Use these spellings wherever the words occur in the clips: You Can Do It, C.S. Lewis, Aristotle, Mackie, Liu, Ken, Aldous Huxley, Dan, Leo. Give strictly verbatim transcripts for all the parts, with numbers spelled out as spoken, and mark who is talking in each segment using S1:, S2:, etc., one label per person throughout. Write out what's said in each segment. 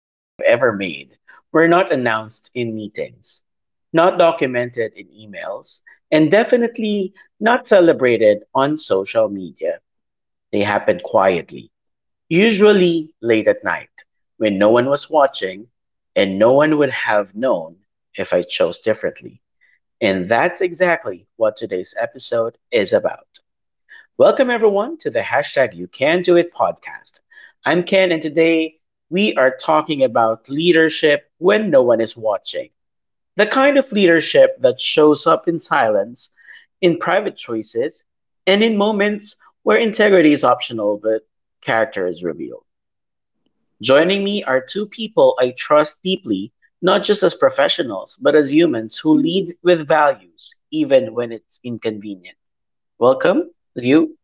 S1: I've ever made were not announced in meetings, not documented in emails, and definitely not celebrated on social media. They happened quietly, usually late at night, when no one was watching, and no one would have known if I chose differently. And that's exactly what today's episode is about. Welcome everyone to the hashtag You Can Do It podcast. I'm Ken, and today we are talking about leadership when no one is watching. The kind of leadership that shows up in silence, in private choices, and in moments where integrity is optional but character is revealed. Joining me are two people I trust deeply, not just as professionals, but as humans who lead with values, even when it's inconvenient. Welcome, Liu.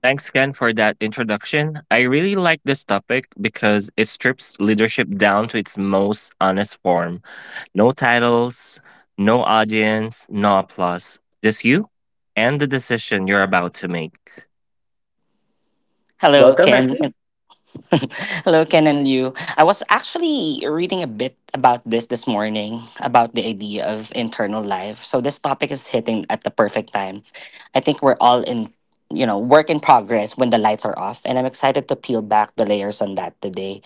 S2: Thanks, Ken, for that introduction. I really like this topic because it strips leadership down to its most honest form. No titles, no audience, no applause. Just you and the decision you're about to make.
S3: Hello,
S1: Welcome,
S3: Ken.
S1: Aki.
S3: Hello, Ken and Liu. I was actually reading a bit about this this morning about the idea of internal life. So this topic is hitting at the perfect time. I think we're all in, you know, work in progress when the lights are off, and I'm excited to peel back the layers on that today.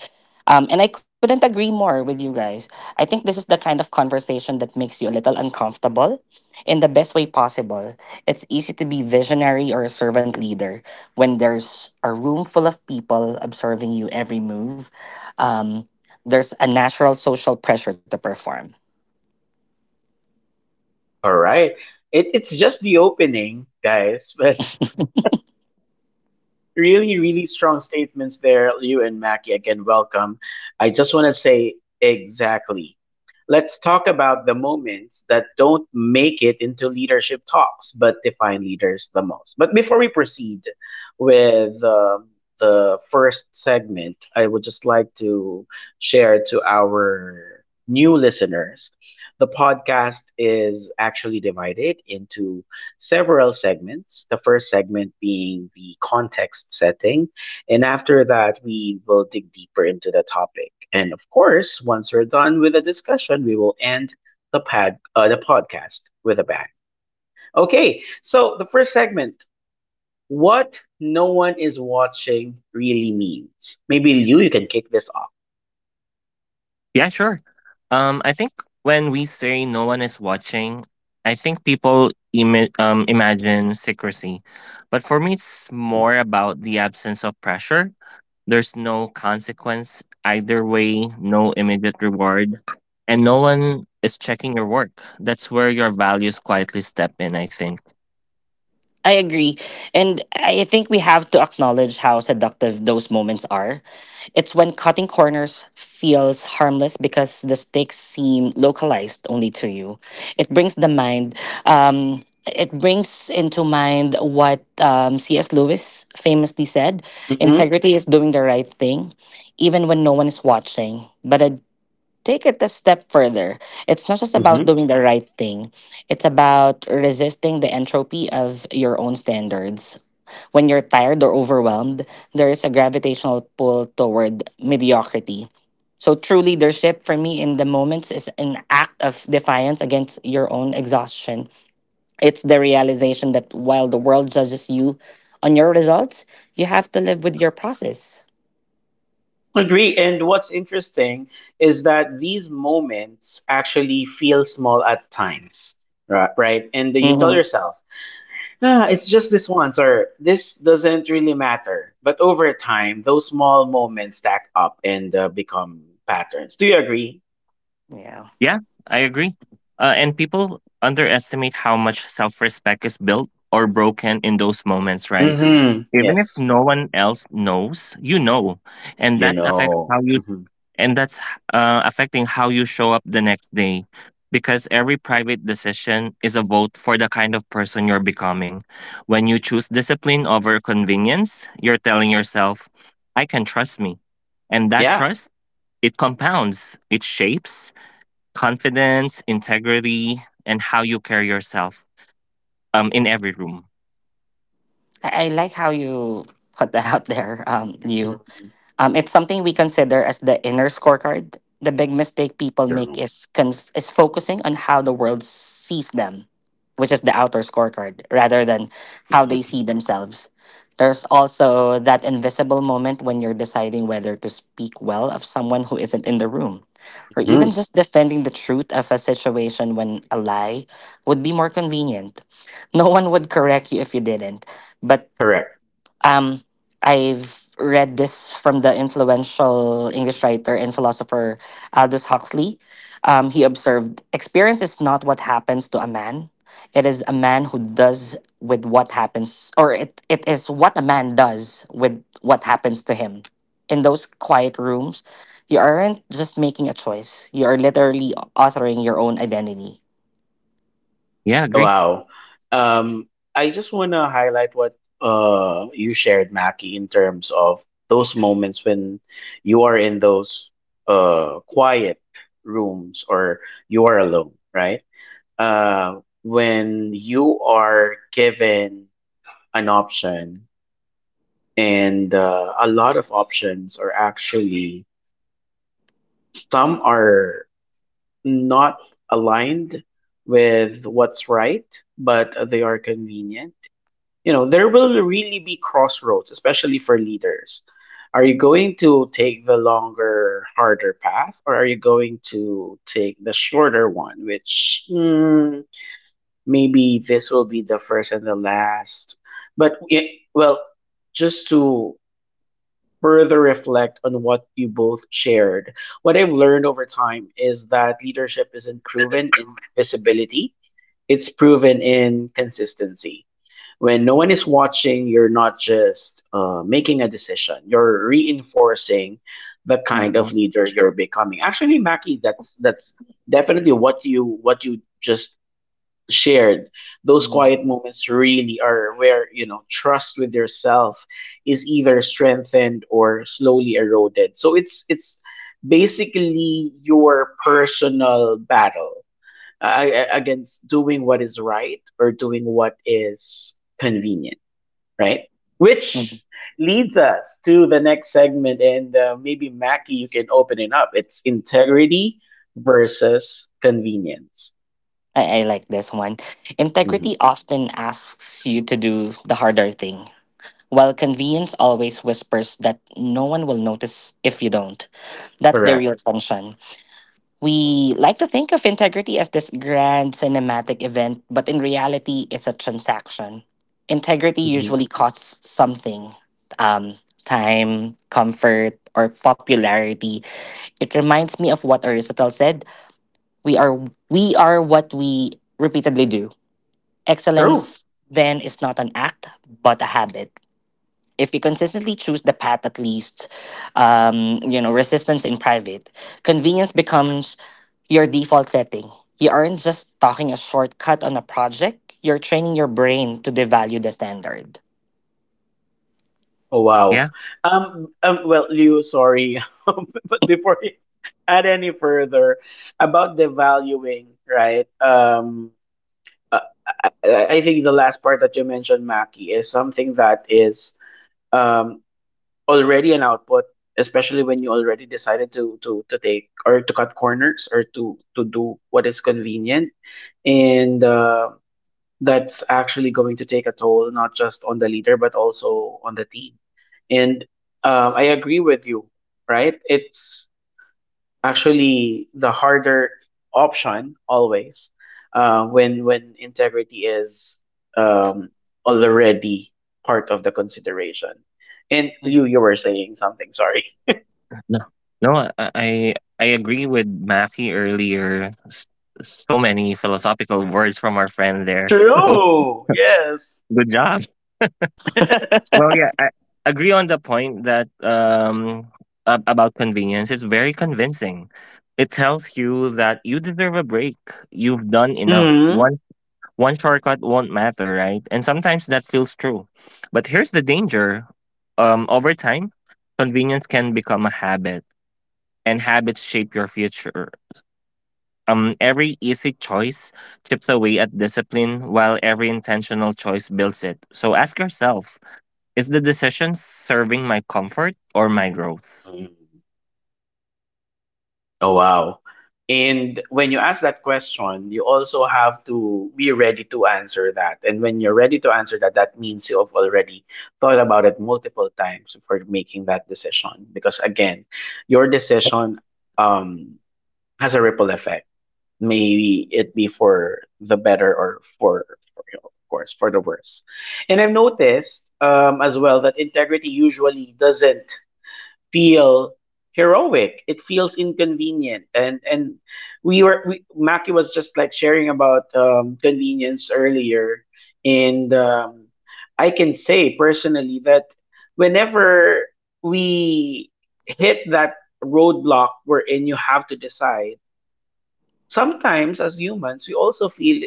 S3: Um, and I couldn't agree more with you guys. I think this is the kind of conversation that makes you a little uncomfortable in the best way possible. It's easy to be visionary or a servant leader when there's a room full of people observing you every move. um, there's a natural social pressure to perform.
S1: All right. It, it's just the opening, guys, but really, really strong statements there, Liu and Mackie. Again, welcome. I just want to say exactly. Let's talk about the moments that don't make it into leadership talks, but define leaders the most. But before we proceed with um, the first segment, I would just like to share to our new listeners the podcast is actually divided into several segments. The first segment being the context setting. And after that, we will dig deeper into the topic. And of course, once we're done with the discussion, we will end the, pad, uh, the podcast with a bang. Okay, so the first segment what no one is watching really means. Maybe Liu, you can kick this off.
S2: Yeah, sure. Um, I think when we say no one is watching, I think people imi- um, imagine secrecy. But for me, it's more about the absence of pressure. There's no consequence either way, no immediate reward, and no one is checking your work. That's where your values quietly step in, I think.
S3: I agree. And I think we have to acknowledge how seductive those moments are. It's when cutting corners feels harmless because the stakes seem localized only to you. It brings the mind, um, it brings into mind what um, C S. Lewis famously said:
S1: Mm-hmm.
S3: integrity is doing the right thing, even when no one is watching. But a take it a step further. It's not just about
S1: Mm-hmm.
S3: doing the right thing, it's about resisting the entropy of your own standards. When you're tired or overwhelmed, there is a gravitational pull toward mediocrity. So, true leadership for me in the moments is an act of defiance against your own exhaustion. It's the realization that while the world judges you on your results, you have to live with your process.
S1: Agree. And what's interesting is that these moments actually feel small at times, ri- right? And you tell
S3: hmm
S1: yourself, ah, it's just this once, or this doesn't really matter. But over time, those small moments stack up and uh, become patterns. Do you agree?
S3: Yeah.
S2: Yeah, I agree. Uh, and people underestimate how much self respect is built or broken in those moments, right?
S1: Hmm.
S2: Even
S1: Yes.
S2: if no one else knows you know and
S1: You
S2: that affects how
S1: know.
S2: you
S1: Hmm.
S2: and that's uh, affecting how you show up the next day, because every private decision is a vote for the kind of person you're becoming. When you choose discipline over convenience, you're telling yourself I can trust me. And that
S1: Yeah.
S2: trust, it compounds. It shapes confidence, integrity, and how you carry yourself um, in every room.
S3: I, I like how you put that out there, um, you.
S1: Mhm.
S3: Um, it's something we consider as the inner scorecard. The big mistake people make
S1: True.
S3: is conf- is focusing on how the world sees them, which is the outer scorecard, rather than how they
S1: Hmm.
S3: see themselves. There's also that invisible moment when you're deciding whether to speak well of someone who isn't in the room, or even
S1: Hmm.
S3: just defending the truth of a situation when a lie would be more convenient. No one would correct you if you didn't, but
S1: Correct.
S3: um, I've read this from the influential English writer and philosopher Aldous Huxley. Um, he observed: experience is not what happens to a man, it is a man who does with what happens, or it, it is what a man does with what happens to him. In those quiet rooms, you aren't just making a choice, you are literally authoring your own identity.
S2: Yeah, agree.
S1: Wow. Um, I just want to highlight what uh you shared, Mackie, in terms of those moments when you are in those uh quiet rooms or you are alone, right? Uh, when you are given an option, and uh, a lot of options are actually some are not aligned with what's right, but they are convenient, you know, there will really be crossroads, especially for leaders. Are you going to take the longer harder path or are you going to take the shorter one, which mm, maybe this will be the first and the last, but it, well, just to further reflect on what you both shared, what I've learned over time is that leadership isn't proven in visibility, it's proven in consistency. When no one is watching, you're not just uh, making a decision, you're reinforcing the kind of
S3: Mhm.
S1: leader you're becoming. Actually, Mackie, that's that's definitely what you what you just shared. Those
S3: Mhm.
S1: quiet moments really are where, you know, trust with yourself is either strengthened or slowly eroded. So it's it's basically your personal battle uh, against doing what is right or doing what is convenient, right? Which leads us to the next segment, and uh, maybe Mackie, you can open it up. It's integrity versus convenience.
S3: I, I like this one.
S1: Mhm.
S3: Integrity often asks you to do the harder thing, while convenience always whispers that no one will notice if you don't. That's the real
S1: Correct.
S3: tension. We like to think of integrity as this grand cinematic event, but in reality, it's a transaction. Integrity
S1: Mhm.
S3: usually costs something, um, time, comfort, or popularity. It reminds me of what Aristotle said: we are, we are what we repeatedly do.
S1: True.
S3: Excellence then is not an act, but a habit. If we consistently choose the path, at least, um, you know, resistance in private, convenience becomes your default setting. You aren't just talking a shortcut on a project, you're training your brain to devalue the standard.
S1: Oh, wow.
S2: Yeah.
S1: Um. Um well, Liu, sorry, but before you add any further about the valuing, right? Um. uh, I, I I think the last part that you mentioned, Mackie, is something that is um already an output, especially when you already decided to to to take or to cut corners or to to do what is convenient, and uh, that's actually going to take a toll not just on the leader but also on the team. And um, I agree with you, right? It's actually the harder option always, uh, when when integrity is um, already part of the consideration. And you
S3: Mhm.
S1: you were saying something. Sorry.
S2: No, no, I I I agree with Matthew earlier. S- So many philosophical words from our friend there. So
S1: True. Yes.
S2: good job. Well, yeah, I agree on the point that um ab- about convenience. It's very convincing. It tells you that you deserve a break. You've done enough.
S1: Hmm.
S2: One one shortcut won't matter, right? And sometimes that feels true. But here's the danger. Um, over time, convenience can become a habit, and habits shape your future. Um, every easy choice chips away at discipline, while every intentional choice builds it. So ask yourself, is the decision serving my comfort or my growth?
S1: Oh, wow. And when you ask that question, you also have to be ready to answer that. And when you're ready to answer that, that means you have already thought about it multiple times before making that decision. Because again, your
S2: Yep.
S1: decision um, has a ripple effect. Maybe it be for the better or for, for you know, of course, for the worse. And I've noticed um, as well that integrity usually doesn't feel heroic. It feels inconvenient, and and we were we, Maki was just like sharing about um, convenience earlier, and um, I can say personally that whenever we hit that roadblock wherein you have to decide, sometimes as humans we also feel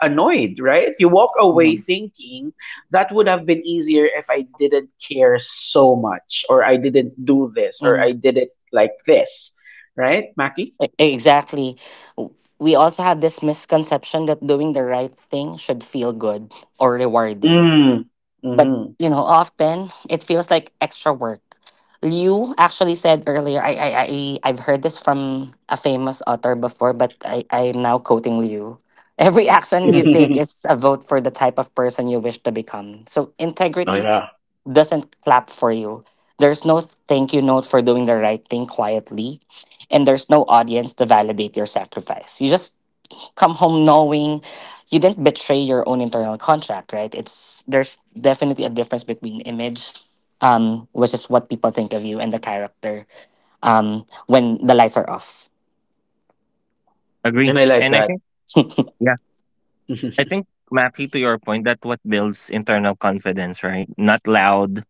S1: annoyed, right? You walk away
S3: Mhm.
S1: thinking that would have been easier if I didn't care so much, or I didn't do this, or
S3: Mhm.
S1: I did it like this, right, Maki?
S3: E- Exactly. W- We also have this misconception that doing the right thing should feel good or rewarding,
S1: Mm.
S3: but
S1: Mm-hmm.
S3: you know often it feels like extra work. Liu actually said earlier, i i, I i've heard this from a famous author before, but i i'm now quoting Liu. Every action you take is a vote for the type of person you wish to become, so
S1: Oh,
S3: integrity
S1: yeah.
S3: doesn't clap for you. There's no thank you note for doing the right thing quietly, and there's no audience to validate your sacrifice. You just come home knowing you didn't betray your own internal contract, right? It's there's definitely a difference between image, um, which is what people think of you, and the character, um, when the lights are off.
S1: And
S2: Agree.
S1: I like
S2: And I
S1: that.
S2: think, yeah, I think, Mappy, to your point, that what builds internal confidence, right? Not loud,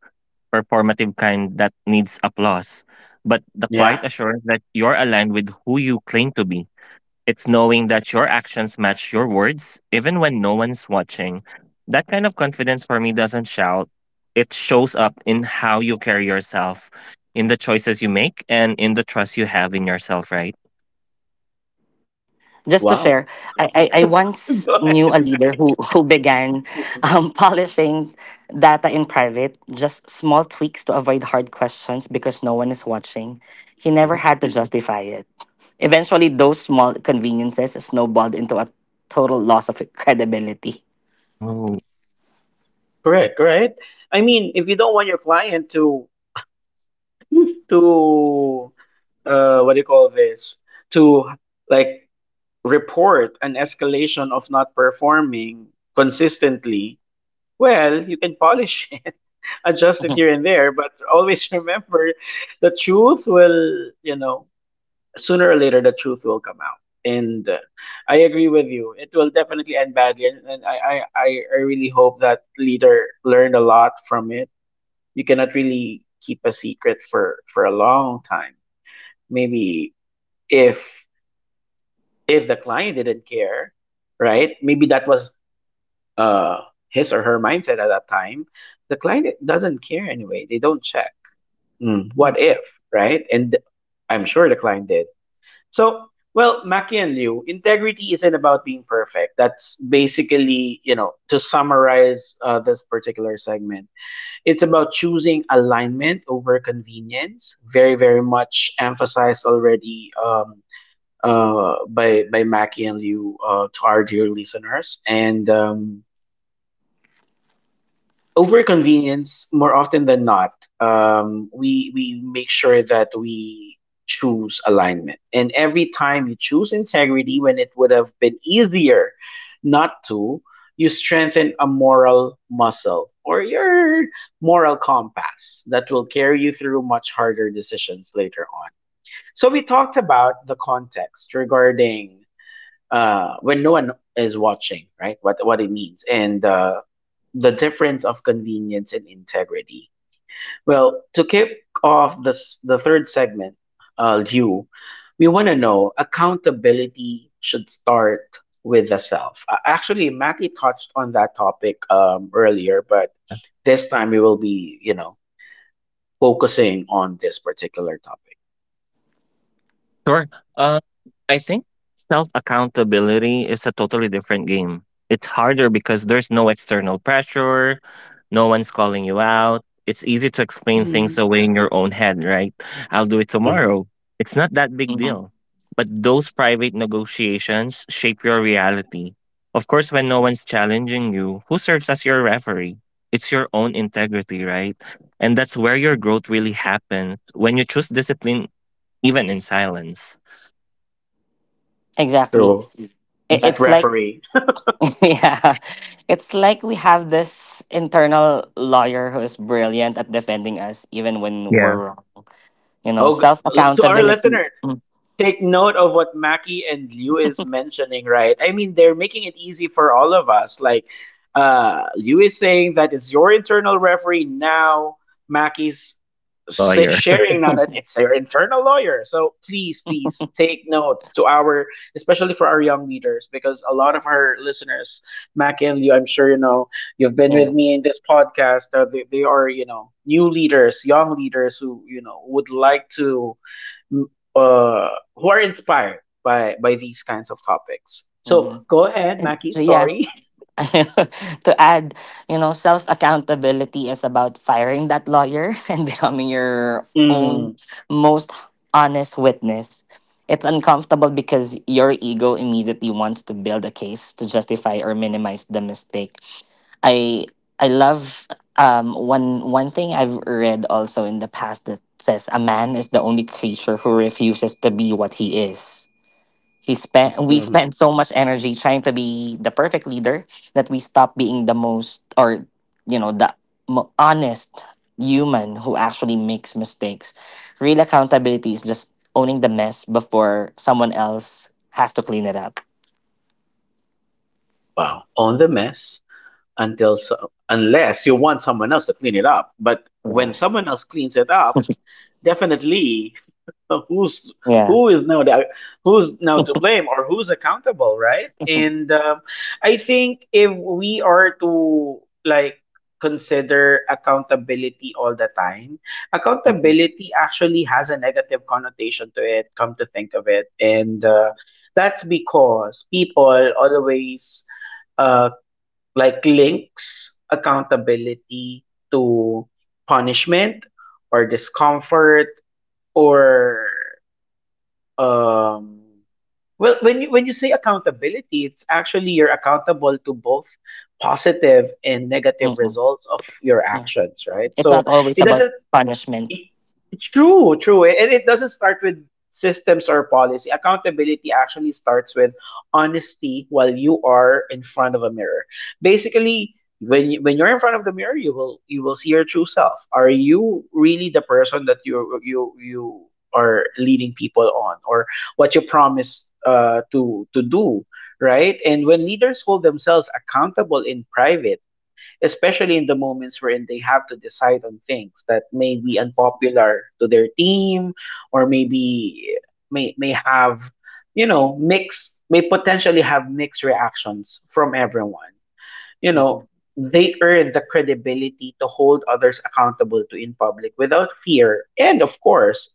S2: performative kind that needs applause, but the quiet
S1: Yeah.
S2: assurance that you're aligned with who you claim to be. It's knowing that your actions match your words, even when no one's watching. That kind of confidence for me doesn't shout. It shows up in how you carry yourself, in the choices you make, and in the trust you have in yourself, right?
S3: Just to share,
S1: Wow.
S3: I, I, I once
S1: Go
S3: knew a
S1: ahead.
S3: leader who, who began, um, polishing data in private, just small tweaks to avoid hard questions because no one is watching. He never
S1: Mm-hmm.
S3: had to justify it. Eventually, those small conveniences snowballed into a total loss of credibility.
S2: Oh,
S1: Correct, right? I mean, if you don't want your client to to uh what do you call this, to like report an escalation of not performing consistently, well, you can polish it, adjust it
S3: Mhm.
S1: here and there, but always remember the truth will, you know, sooner or later the truth will come out. And uh, I agree with you. It will definitely end badly. And, and I, I, I I really hope that leader learned a lot from it. You cannot really keep a secret for, for a long time. Maybe if If the client didn't care, right? Maybe that was uh his or her mindset at that time. The client doesn't care anyway. They don't check. Mm, what if, right? And I'm sure the client did. So, well, Maki and Liu, integrity isn't about being perfect. That's basically, you know, to summarize uh, this particular segment, it's about choosing alignment over convenience. Very, very much emphasized already um, uh, by by Mackie and Liu uh, to our dear listeners. And um, over convenience, more often than not, um, we we make sure that we choose alignment. And every time you choose integrity when it would have been easier not to, you strengthen a moral muscle or your moral compass that will carry you through much harder decisions later on. So we talked about the context regarding uh, when no one is watching, right? What what it means and uh, the difference of convenience and integrity. Well, to kick off this the third segment, uh, you, we want to know accountability should start with the self. Uh, actually, Mackie touched on that topic um, earlier, but this time we will be, you know, focusing on this particular topic.
S2: sure. Uh, I think self accountability is a totally different game. It's harder because there's no external pressure, no one's calling you out. It's easy to explain
S1: Mm-hmm.
S2: things away in your own head, right? I'll do it tomorrow. It's not that big
S3: Mhm.
S2: deal. But those private negotiations shape your reality. Of course, when no one's challenging you, who serves as your referee? It's your own integrity, right? And that's where your growth really happens, when you choose discipline, even in silence.
S3: Exactly.
S1: True.
S3: I-
S1: That
S3: It's like
S1: referee.
S3: yeah, it's like we have this internal lawyer who is brilliant at defending us even when
S2: Yeah.
S3: we're wrong. You know,
S1: Oh,
S3: self
S1: g- to our
S3: accountability.
S1: listeners, take note of what Mackie and Liu is mentioning, right? I mean, they're making it easy for all of us. Like, uh, Liu is saying that it's your internal referee now. Mackie's sa-
S2: Lawyer.
S1: sharing now that it's their internal lawyer. So please, please take notes to our, especially for our young leaders, because a lot of our listeners, Mackie and Liu, I'm sure you know, you've been with
S3: Yeah.
S1: me in this podcast. Uh, they, they are, you know, new leaders, young leaders who, you know, would like to uh, who are inspired by by these kinds of topics. So
S3: hmm
S1: go ahead,
S3: And
S1: Mackie.
S3: so, yeah,
S1: Sorry.
S3: to add, you know, self accountability is about firing that lawyer and becoming your
S1: Mm,
S3: own most honest witness. It's uncomfortable because your ego immediately wants to build a case to justify or minimize the mistake. I I love um one one thing I've read also in the past that says a man is the only creature who refuses to be what he is. He spent we
S1: mhm.
S3: spent so much energy trying to be the perfect leader that we stopped being the most or you know the mo- honest human who actually makes mistakes. Real accountability is just owning the mess before someone else has to clean it up.
S1: Wow. Own the mess until, so, unless you want someone else to clean it up. But when
S3: Yeah.
S1: someone else cleans it up, definitely of who's,
S3: Yeah.
S1: who is now the, who's now to blame or who's accountable, right?
S3: Mhm.
S1: And um, I think if we are to like consider accountability all the time, accountability actually has a negative connotation to it, come to think of it. And uh, that's because people always uh, like links accountability to punishment or discomfort or um, well, when you when you say accountability, it's actually you're accountable to both positive and negative
S3: Mhm.
S1: results of your
S3: Yeah.
S1: actions, right?
S3: It's
S1: So
S3: not always
S1: it
S3: about
S1: doesn't,
S3: punishment.
S1: I- true, true. And it doesn't start with systems or policy. Accountability actually starts with honesty while you are in front of a mirror. Basically, when you, when you're in front of the mirror, you will, you will see your true self. Are you really the person that you you you are leading people on or what you promise uh, to to do, right? And when leaders hold themselves accountable in private, especially in the moments wherein they have to decide on things that may be unpopular to their team or maybe may may have you know mixed, may potentially have mixed reactions from everyone, you know,
S3: Mhm.
S1: they earn the credibility to hold others accountable to in public without fear and of course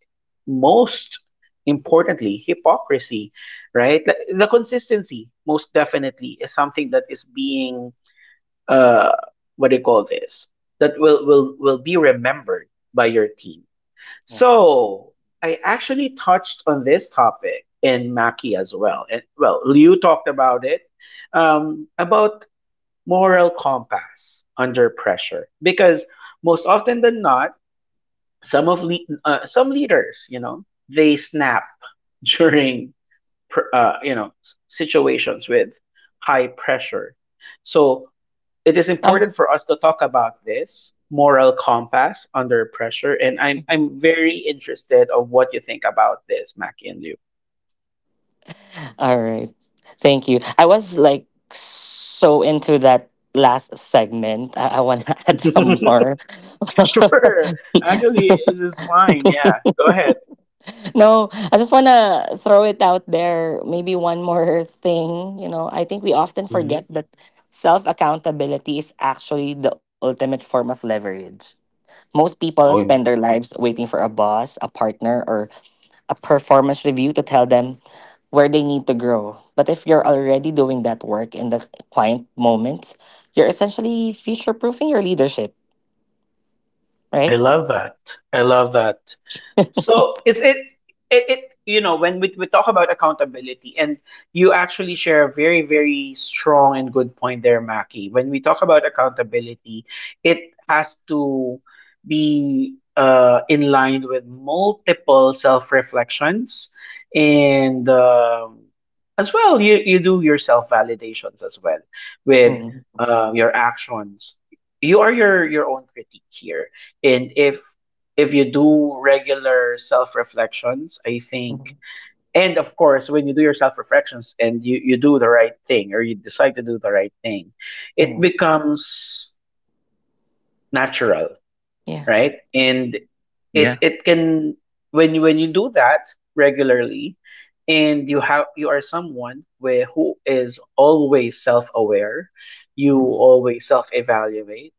S1: most importantly hypocrisy, right? The the consistency most definitely is something that is being uh, what do you call this? That will will will be remembered by your team.
S3: Yeah.
S1: So I actually touched on this topic in Maki as well. And well, Liu talked about it um, about moral compass under pressure because most often than not, some of le- uh, some leaders, you know, they snap during pr- uh, you know s- situations with high pressure. So it is
S3: Um
S1: important for us to talk about this moral compass under pressure, and i'm i'm very interested of what you think about this, Mackie and Liu.
S3: All right. Thank you. I was like so into that last segment. I, I want to add some more.
S1: Sure. Actually, this is fine. Yeah. Go ahead.
S3: No, I just want to throw it out there. Maybe one more thing. You know, I think we often forget
S1: Mhm.
S3: that self accountability is actually the ultimate form of leverage. Most people spend
S1: Oh,
S3: their lives waiting for a boss, a partner, or a performance review to tell them where they need to grow. But if you're already doing that work in the client moments, you're essentially future proofing your leadership,
S1: I
S3: right?
S1: love that. I love that. So it's it it, it you know when we, we talk about accountability and you actually share a very very strong and good point there, Maki. When we talk about accountability, it has to be uh, in line with multiple self reflections and um, as well, you, you do your self validations as well with
S3: Mhm.
S1: uh, your actions. You are your your own critique here, and if if you do regular self reflections, I think,
S3: Mhm.
S1: and of course, when you do your self reflections and you, you do the right thing or you decide to do the right thing, it
S3: Mhm.
S1: becomes natural,
S3: Yeah.
S1: right? And
S2: Yeah.
S1: it it can when you, when you do that regularly, and you have you are someone where who is always self aware, you
S3: Mhm.
S1: always self evaluate,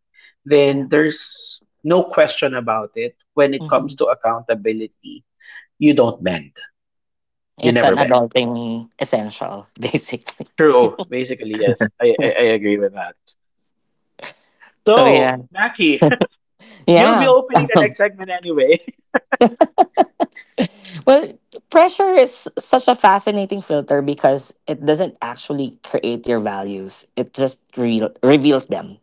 S3: Yeah.
S1: then there's no question about it when it
S3: Mhm.
S1: comes to accountability. You don't bend. You
S3: It's
S1: never
S3: an
S1: bend.
S3: adulting essential, basically.
S1: True. Basically, yes. I I,
S3: Yeah.
S1: I agree with that.
S3: So,
S1: So,
S3: yeah.
S1: Mackie, you'll be
S3: Yeah.
S1: opening the next segment anyway.
S3: Well, pressure is such a fascinating filter because it doesn't actually create your values, it just re- reveals them.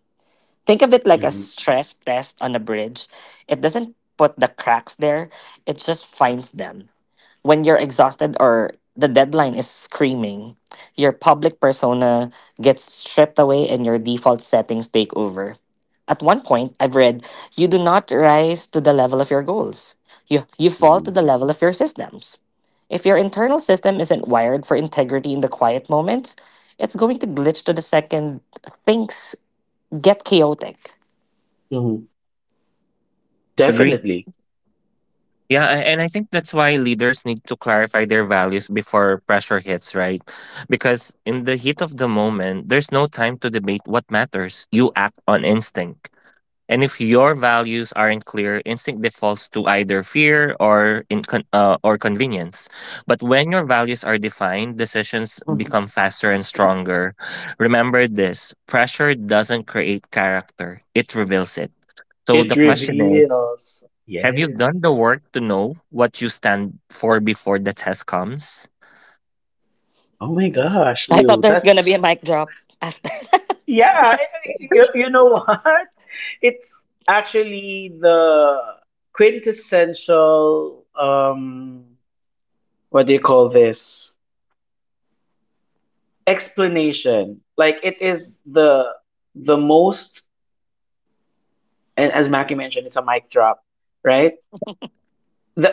S3: Think of it like a
S1: Mhm,
S3: stress test on a bridge. It doesn't put the cracks there, it just finds them. When you're exhausted or the deadline is screaming, your public persona gets stripped away and your default settings take over. At one point, I've read: you do not rise to the level of your goals. You you fall to
S1: mhm,
S3: the level of your systems. If your internal system isn't wired for integrity in the quiet moments, it's going to glitch to the second things get chaotic.
S1: mhm.
S2: Agree.
S1: Definitely.
S2: Yeah, a- and I think that's why leaders need to clarify their values before pressure hits, right? Because in the heat of the moment, there's no time to debate what matters. You act on instinct. And if your values aren't clear, instinct defaults to either fear or in con- uh, or convenience. But when your values are defined, decisions
S3: Mhm.
S2: become faster and stronger. Remember this, pressure doesn't create character. It reveals it. So
S1: It
S2: the
S3: Mm.
S2: question is,
S1: reveals.
S2: have you done
S1: Yes.
S2: the work to know what you stand for before the test comes?
S1: Oh my gosh,
S3: I thought
S1: Lou.
S3: there's gonna be a
S1: That's
S3: mic drop after.
S1: yeah. You, you know what? It's actually the quintessential um what do you call this? Explanation. Like it is the the most, and as Mackie mentioned, it's a mic drop, right? The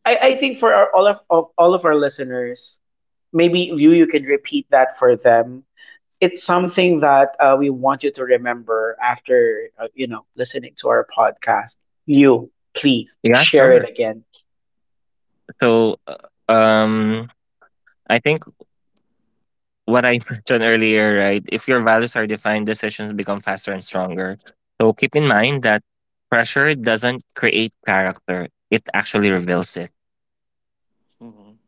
S1: I, I think for our, all of, of all of our listeners, maybe you you can repeat that for them. It's something that uh, we want you to remember after uh, you know, listening to our podcast. You please
S2: Yeah,
S1: share
S2: sure.
S1: it again.
S2: So, uh, um, I think what I mentioned earlier, right? If your values are defined, decisions become faster and stronger. So keep in mind that pressure doesn't create character; it actually reveals it.
S3: Mhm.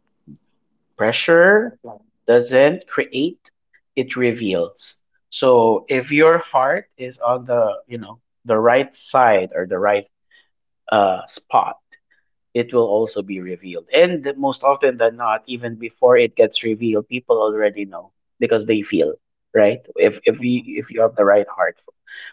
S3: But,
S1: Pressure
S3: yeah.
S1: doesn't create, it reveals. So if your heart is on the, you know, the right side or the right uh spot, it will also be revealed. And most often than not, even before it gets revealed, people already know because they feel, right? If if you
S3: Mhm.
S1: if you have the right heart for,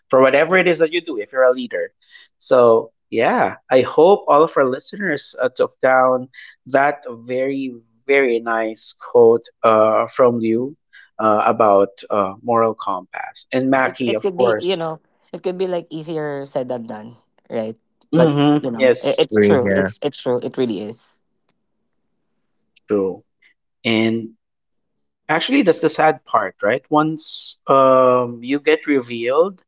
S1: for whatever it
S3: Mhm.
S1: is that you do, if you're a leader. So yeah, I hope all of our listeners uh, took down that very very nice quote uh, from you uh, about uh, moral compass, and
S3: It
S1: Mackie,
S3: it
S1: of
S3: could be, you
S1: course.
S3: know it could be like easier said than done, right? But
S1: Hmm.
S3: you know it,
S1: Yes,
S3: it's
S2: Agree.
S3: true.
S2: Yeah.
S3: It's it's true. It really is
S1: true. And actually, that's the sad part, right? Once um, you get revealed,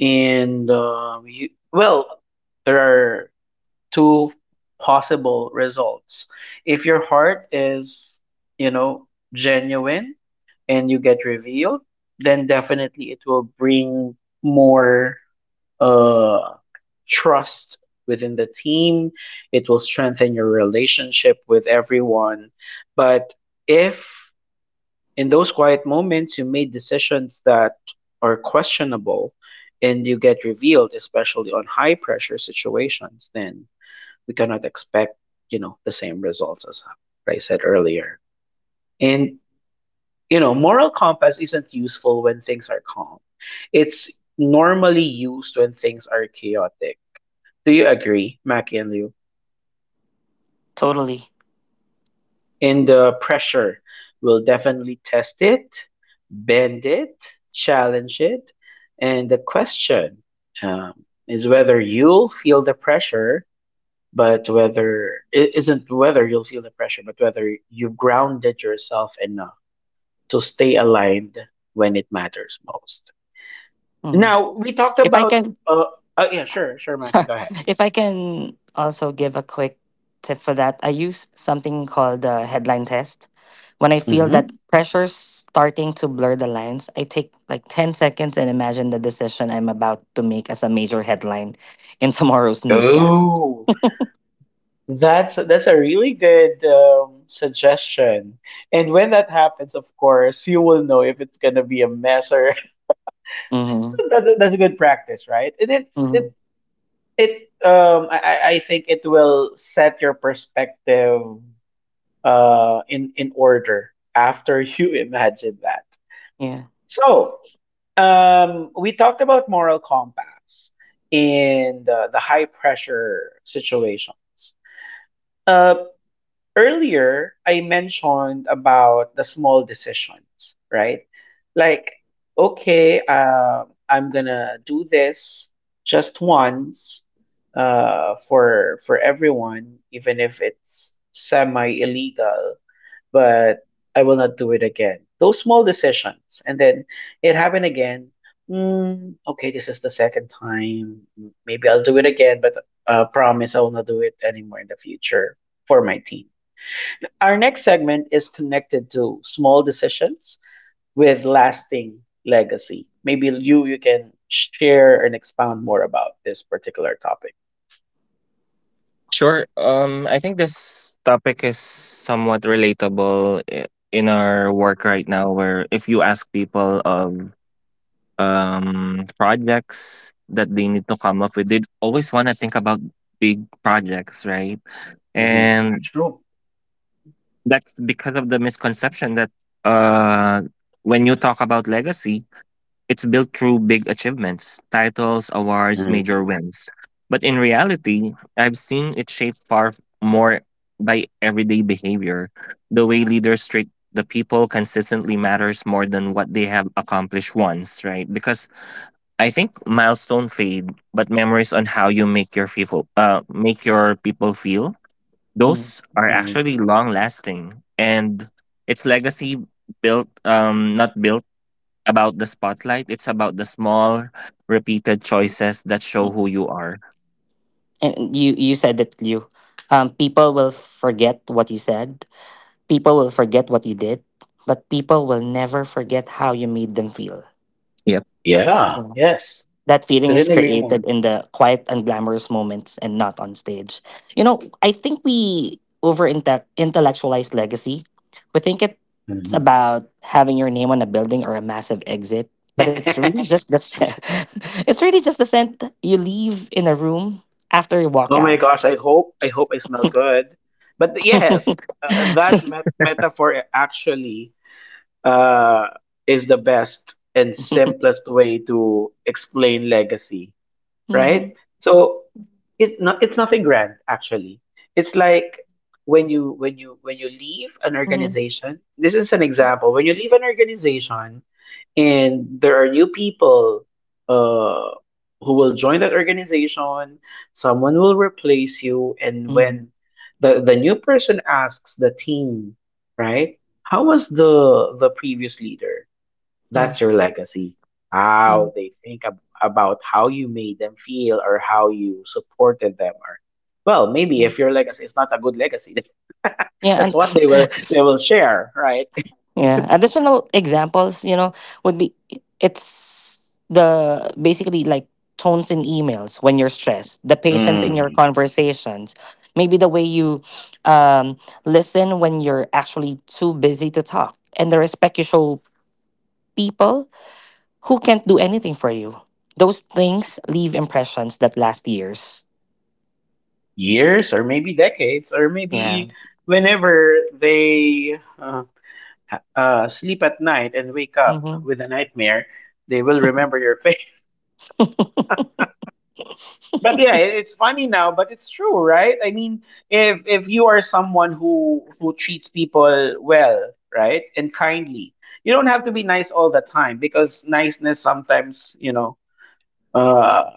S1: and um, you, well, there are two possible results. If your heart is, you know, genuine and you get revealed, then definitely it will bring more uh, trust within the team. It will strengthen your relationship with everyone. But if in those quiet moments you made decisions that are questionable and you get revealed, especially on high pressure situations, then we cannot expect, you know, the same results as I said earlier. And you know, moral compass isn't useful when things are calm. It's normally used when things are chaotic. Do you agree, Mackie and Liu?
S3: totally.
S1: In the pressure, we will definitely test it, bend it, challenge it. And the question um, is whether you'll feel the pressure, but whether it isn't whether you'll feel the pressure, but whether you grounded yourself enough to stay aligned when it matters most.
S3: Mhm.
S1: Now, we talked
S3: If I
S1: about,
S3: can.
S1: uh, uh yeah, sure, sure, Matthew,
S3: So
S1: go ahead.
S3: if I can also give a quick tip for that, I use something called the headline test. When I feel that
S1: Hmm.
S3: pressure's starting to blur the lines, I take like ten seconds and imagine the decision I'm about to make as a major headline in tomorrow's newscasts.
S1: Oh. That's that's a really good um, suggestion. And when that happens, of course, you will know if it's gonna be a mess or
S3: Mm-hmm.
S1: that's a, that's a good practice, right? And it's it
S3: hmm
S1: it um I I I think it will set your perspective uh in in order after you imagine that.
S3: Yeah.
S1: So um we talked about moral compass in the, the high pressure situations. Uh, Earlier I mentioned about the small decisions, right? Like, okay, uh, I'm gonna do this just once uh, for for everyone, even if it's semi illegal, but I will not do it again. Those small decisions, and then it happened again. Mm, okay, this is the second time. Maybe I'll do it again, but uh, promise I will not do it anymore in the future for my team. Our next segment is connected to small decisions with lasting legacy. Maybe you you can share and expound more about this particular topic.
S2: Sure. Um, I think this topic is somewhat relatable i- in our work right now, where if you ask people, um, um, projects that they need to come up with. They always want to think about big projects, right?
S1: Hmm.
S2: And
S1: True.
S2: that's because of the misconception that uh, when you talk about legacy, it's built through big achievements, titles, awards, major
S1: Hmm.
S2: wins. But in reality, I've seen it shaped far more by everyday behavior. The way leaders treat the people consistently matters more than what they have accomplished once, right? Because I think milestones fade, but memories on how you make your people uh make your people feel,
S3: Mm.
S2: those are
S1: Hmm.
S2: actually long lasting. And it's legacy built um not built about the spotlight. It's about the small repeated choices that show who
S3: Mm.
S2: you are.
S3: And you, you said that, you, um, people will forget what you said. People will forget what you did, but people will never forget how you made them feel.
S2: Yep.
S1: Yeah.
S3: Mm-hmm.
S1: Yes,
S3: That feeling is
S1: couldn't agree
S3: created
S1: more.
S3: in the quiet and glamorous moments and not on stage. You know, I think we over intellectualize legacy. We think it's
S1: Hmm.
S3: about having your name on a building or a massive exit, but it's really just the scent. It's really just the scent you leave in a room after you walk
S1: Oh
S3: out.
S1: my gosh, I hope I hope I smell good. But yes,
S3: Hmm.
S1: uh, uh, that met- metaphor actually uh, is the best and simplest way to explain legacy. Right?
S3: Hmm.
S1: So it's not, it's nothing grand actually. It's like when you when you when you leave an organization. This is an example. When you leave an organization and there are new people uh who will join that organization, someone will replace you, and
S3: Hmm.
S1: when the the new person asks the team, right? How was the the previous leader?
S3: Yeah.
S1: That's your legacy.
S3: Yeah.
S1: How they think ab- about how you made them feel, or how you supported them, or well, maybe
S3: Yeah.
S1: if your legacy is not a good legacy,
S3: Yeah.
S1: that's
S3: And
S1: what they will they will share, right?
S3: yeah. Additional examples, you know, would be it's the basically like tones in emails when you're stressed, the patience in your
S1: Mhm.
S3: conversations, maybe the way you um, listen when you're actually too busy to talk, and the respect you show people who can't do anything for you. Those things leave impressions that last years.
S1: Years or maybe decades, or
S3: Yeah.
S1: maybe whenever they uh, ha- uh, sleep at night and wake up
S3: Mm-hmm.
S1: with a nightmare, they will remember your face. But yeah, it- it's funny now, but it's true, right? I mean, if if you are someone who who treats people well, right, and kindly, you don't have to be nice all the time because niceness sometimes, you know, uh,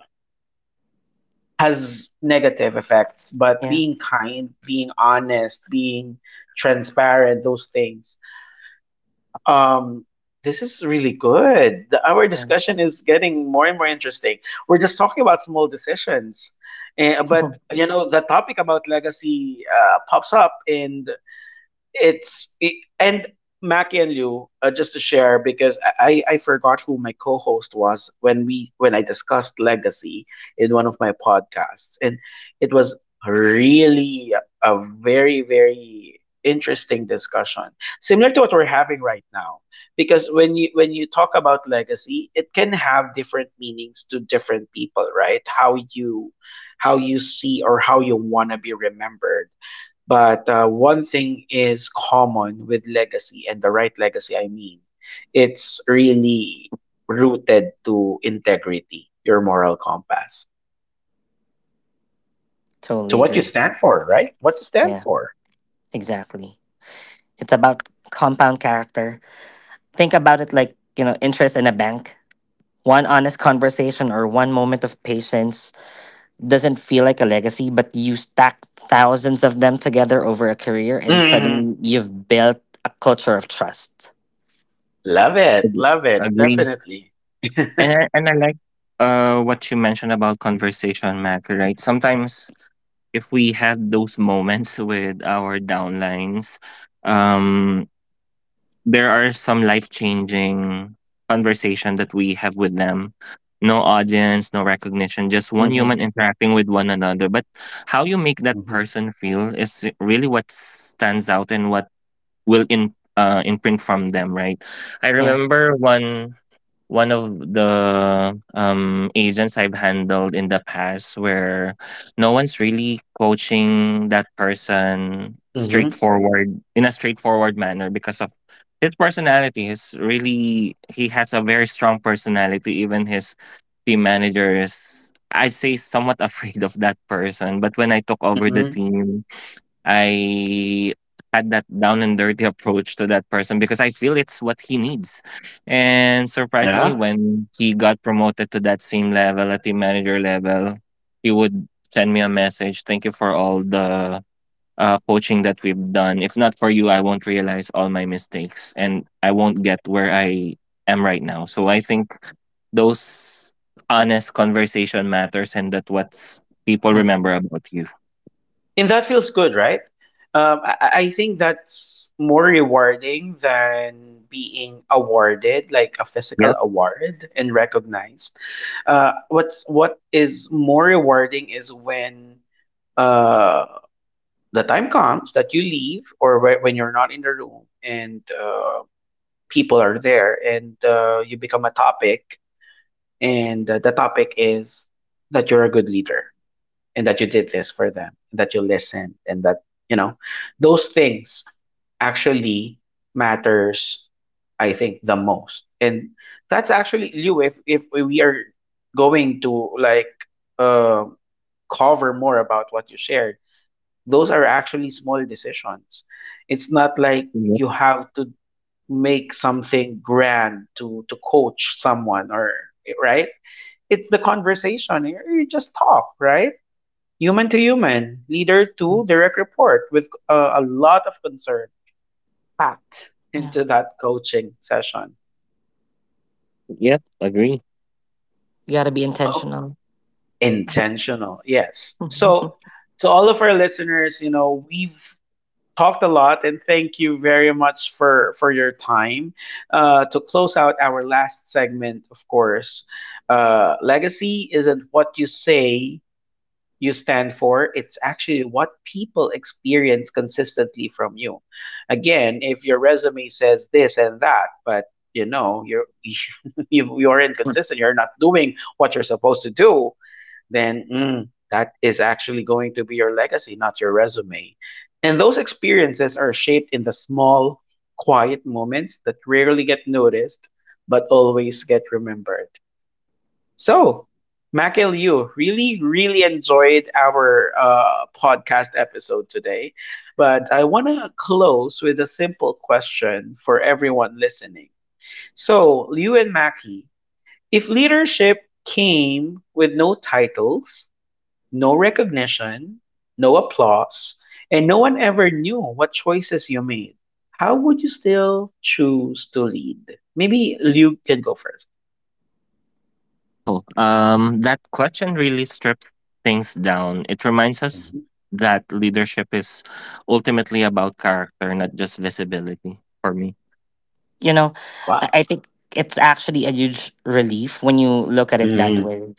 S1: has negative effects. But
S3: Yeah.
S1: being kind, being honest, being transparent, those things. Um, this is really good. The- our
S3: Yeah.
S1: discussion is getting more and more interesting. We're just talking about small decisions, eh, but you know the topic about legacy uh, pops up, and it's it, and Mackie and Liu, uh, just to share, because I I I forgot who my co-host was when we when I discussed legacy in one of my podcasts, and it was really a, a very very interesting discussion similar to what we're having right now, because when you when you talk about legacy, it can have different meanings to different people, right? How you how you see or how you want to be remembered. But uh, one thing is common with legacy, and the right legacy, I mean, it's really rooted to integrity, your moral compass, to
S3: Totally
S1: what you
S3: agree.
S1: stand for, right? What you stand
S3: Yeah,
S1: for.
S3: exactly. It's about compound character. Think about it like, you know, interest in a bank. One honest conversation or one moment of patience doesn't feel like a legacy, but you stack thousands of them together over a career and
S1: Hmm.
S3: suddenly you've built a culture of trust.
S1: Love it,
S2: ag-
S1: love it,
S2: Agree.
S1: definitely.
S2: And I- and I like uh what you mentioned about conversation matter, right? Sometimes if we had those moments with our downlines, um there are some life changing conversation that we have with them. No audience, no recognition, just one
S3: Mm-hmm.
S2: human interacting with one another. But how you make that
S1: Hmm.
S2: person feel is really what stands out and what will in uh, imprint from them, right? I
S3: Yeah.
S2: remember one one of the um, agents I've handled in the past where no one's really coaching that person
S1: Hmm.
S2: straightforward in a straightforward manner because of his personality. His really he has a very strong personality. Even his team manager is I'd say somewhat afraid of that person. But when I took over the
S1: Hmm.
S2: team, I had that down and dirty approach to that person because I feel it's what he needs. And surprisingly,
S1: Yeah.
S2: when he got promoted to that same level, a team manager level, he would send me a message. Thank you for all the uh, coaching that we've done. If not for you, I won't realize all my mistakes and I won't get where I am right now. So I think those honest conversation matters and that what's people
S3: Mm-hmm.
S2: remember about you.
S1: And that feels good, right? Um, I, I think that's more rewarding than being awarded, like a physical
S2: Yep.
S1: award and recognized. Uh, what's what is more rewarding is when uh, the time comes that you leave, or whe- when you're not in the room, and uh, people are there, and uh, you become a topic, and uh, the topic is that you're a good leader, and that you did this for them, and that you listened, and that, you know, those things actually matters, I think, the most. And that's actually you. if if we are going to, like, uh, cover more about what you shared, those are actually small decisions. It's not like
S2: Yep.
S1: you have to make something grand to to coach someone, or right, it's the conversation, you you just talk, right? Human to human, leader
S3: Yeah.
S1: to direct report, with uh, a lot of concern packed
S3: Yeah.
S1: into that coaching session.
S2: Yep. Agree.
S3: You got to be
S1: Oh,
S3: intentional. Yeah.
S1: intentional, yes. So to all of our listeners, you know, we've talked a lot, and thank you very much for for your time. Uh, to close out our last segment, of course, uh, legacy isn't what you say you stand for. It's actually what people experience consistently from you. Again, if your resume says this and that, but you know you're you, you're inconsistent, you're not doing what you're supposed to do, then mm, that is actually going to be your legacy, not your resume. And those experiences are shaped in the small, quiet moments that rarely get noticed but always get remembered. So, Mackay, Liu, really, really enjoyed our uh, podcast episode today. But I want to close with a simple question for everyone listening. So, Liu and Mackey, if leadership came with no titles, no recognition, no applause, and no one ever knew what choices you made, how would you still choose to lead? Maybe Liu can go first.
S2: Wow, um, that question really stripped things down. It reminds us
S1: Mhm.
S2: that leadership is ultimately about character, not just visibility for me.
S3: you know i
S1: Wow.
S3: I think it's actually a huge relief when you look at it that
S1: Mhm.
S3: way.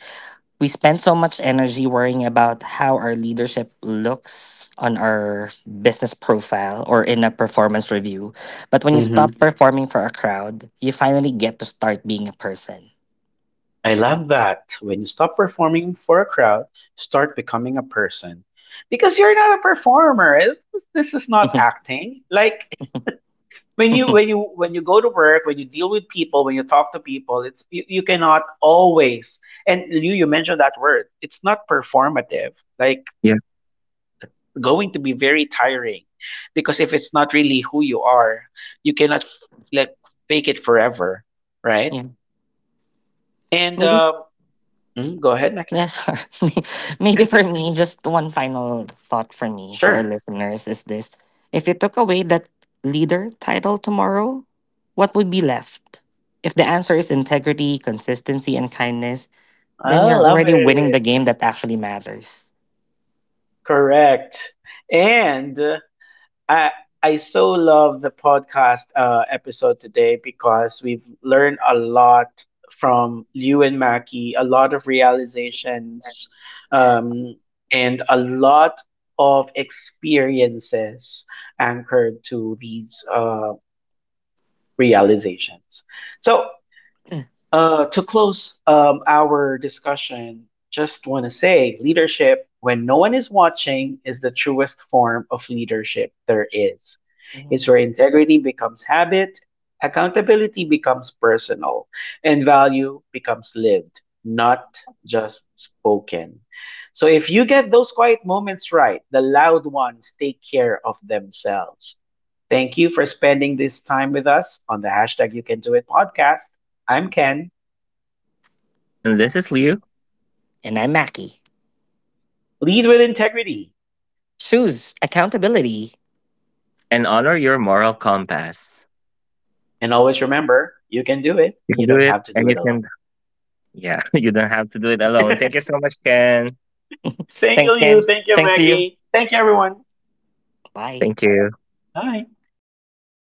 S3: We spend so much energy worrying about how our leadership looks on our business profile or in a performance review. But when you stop performing for a crowd, you finally get to start being a person.
S1: I love that. When you stop performing for a crowd, start becoming a person. Because you're not a performer. It's- This is not acting. Like when you when you when you go to work, when you deal with people, when you talk to people, it's you, you cannot always. And you you mentioned that word. It's not performative. Like
S2: Yeah.
S1: going to be very tiring because if it's not really who you are, you cannot, like, fake it forever, right?
S3: Yeah.
S1: And
S3: Maybe
S1: uh, mm, go ahead, Mackie.
S3: yes, maybe for me, just one final thought for me for our
S1: Sure.
S3: listeners is this. If you took away that leader title tomorrow, what would be left? If the answer is integrity, consistency, and kindness,
S1: I
S3: then you're
S1: love
S3: already winning the
S1: it.
S3: game that actually matters.
S1: Correct. And uh, I I so love the podcast uh, episode today because we've learned a lot from Liu and Mackie, a lot of realizations, um, and a lot of experiences anchored to these uh, realizations. So Uh, to close um, our discussion, just want to say leadership, when no one is watching, is the truest form of leadership there is. It's
S3: Mhm.
S1: where integrity becomes habit, accountability becomes personal, and value becomes lived, not just spoken. So if you get those quiet moments right, the loud ones take care of themselves. Thank you for spending this time with us on the hashtag You Can Do It podcast. I'm Ken.
S2: And this is Liu,
S3: And I'm Mackie.
S1: Lead with integrity.
S3: Choose accountability.
S2: and honor your moral compass.
S1: And always remember, you can do it,
S2: You
S1: and
S2: can
S1: you
S2: do
S1: don't
S2: it,
S1: have to do
S2: and you
S1: it
S2: can,
S1: alone.
S2: yeah, you don't have to do it alone.
S1: Thank
S2: Thank you so much, Ken.
S3: Thanks,
S1: you,
S3: Dan.
S1: you. Thank you,
S3: Thanks, Leo.
S1: Mackie. Thank you, everyone.
S3: Bye.
S2: Thank you.
S1: Bye.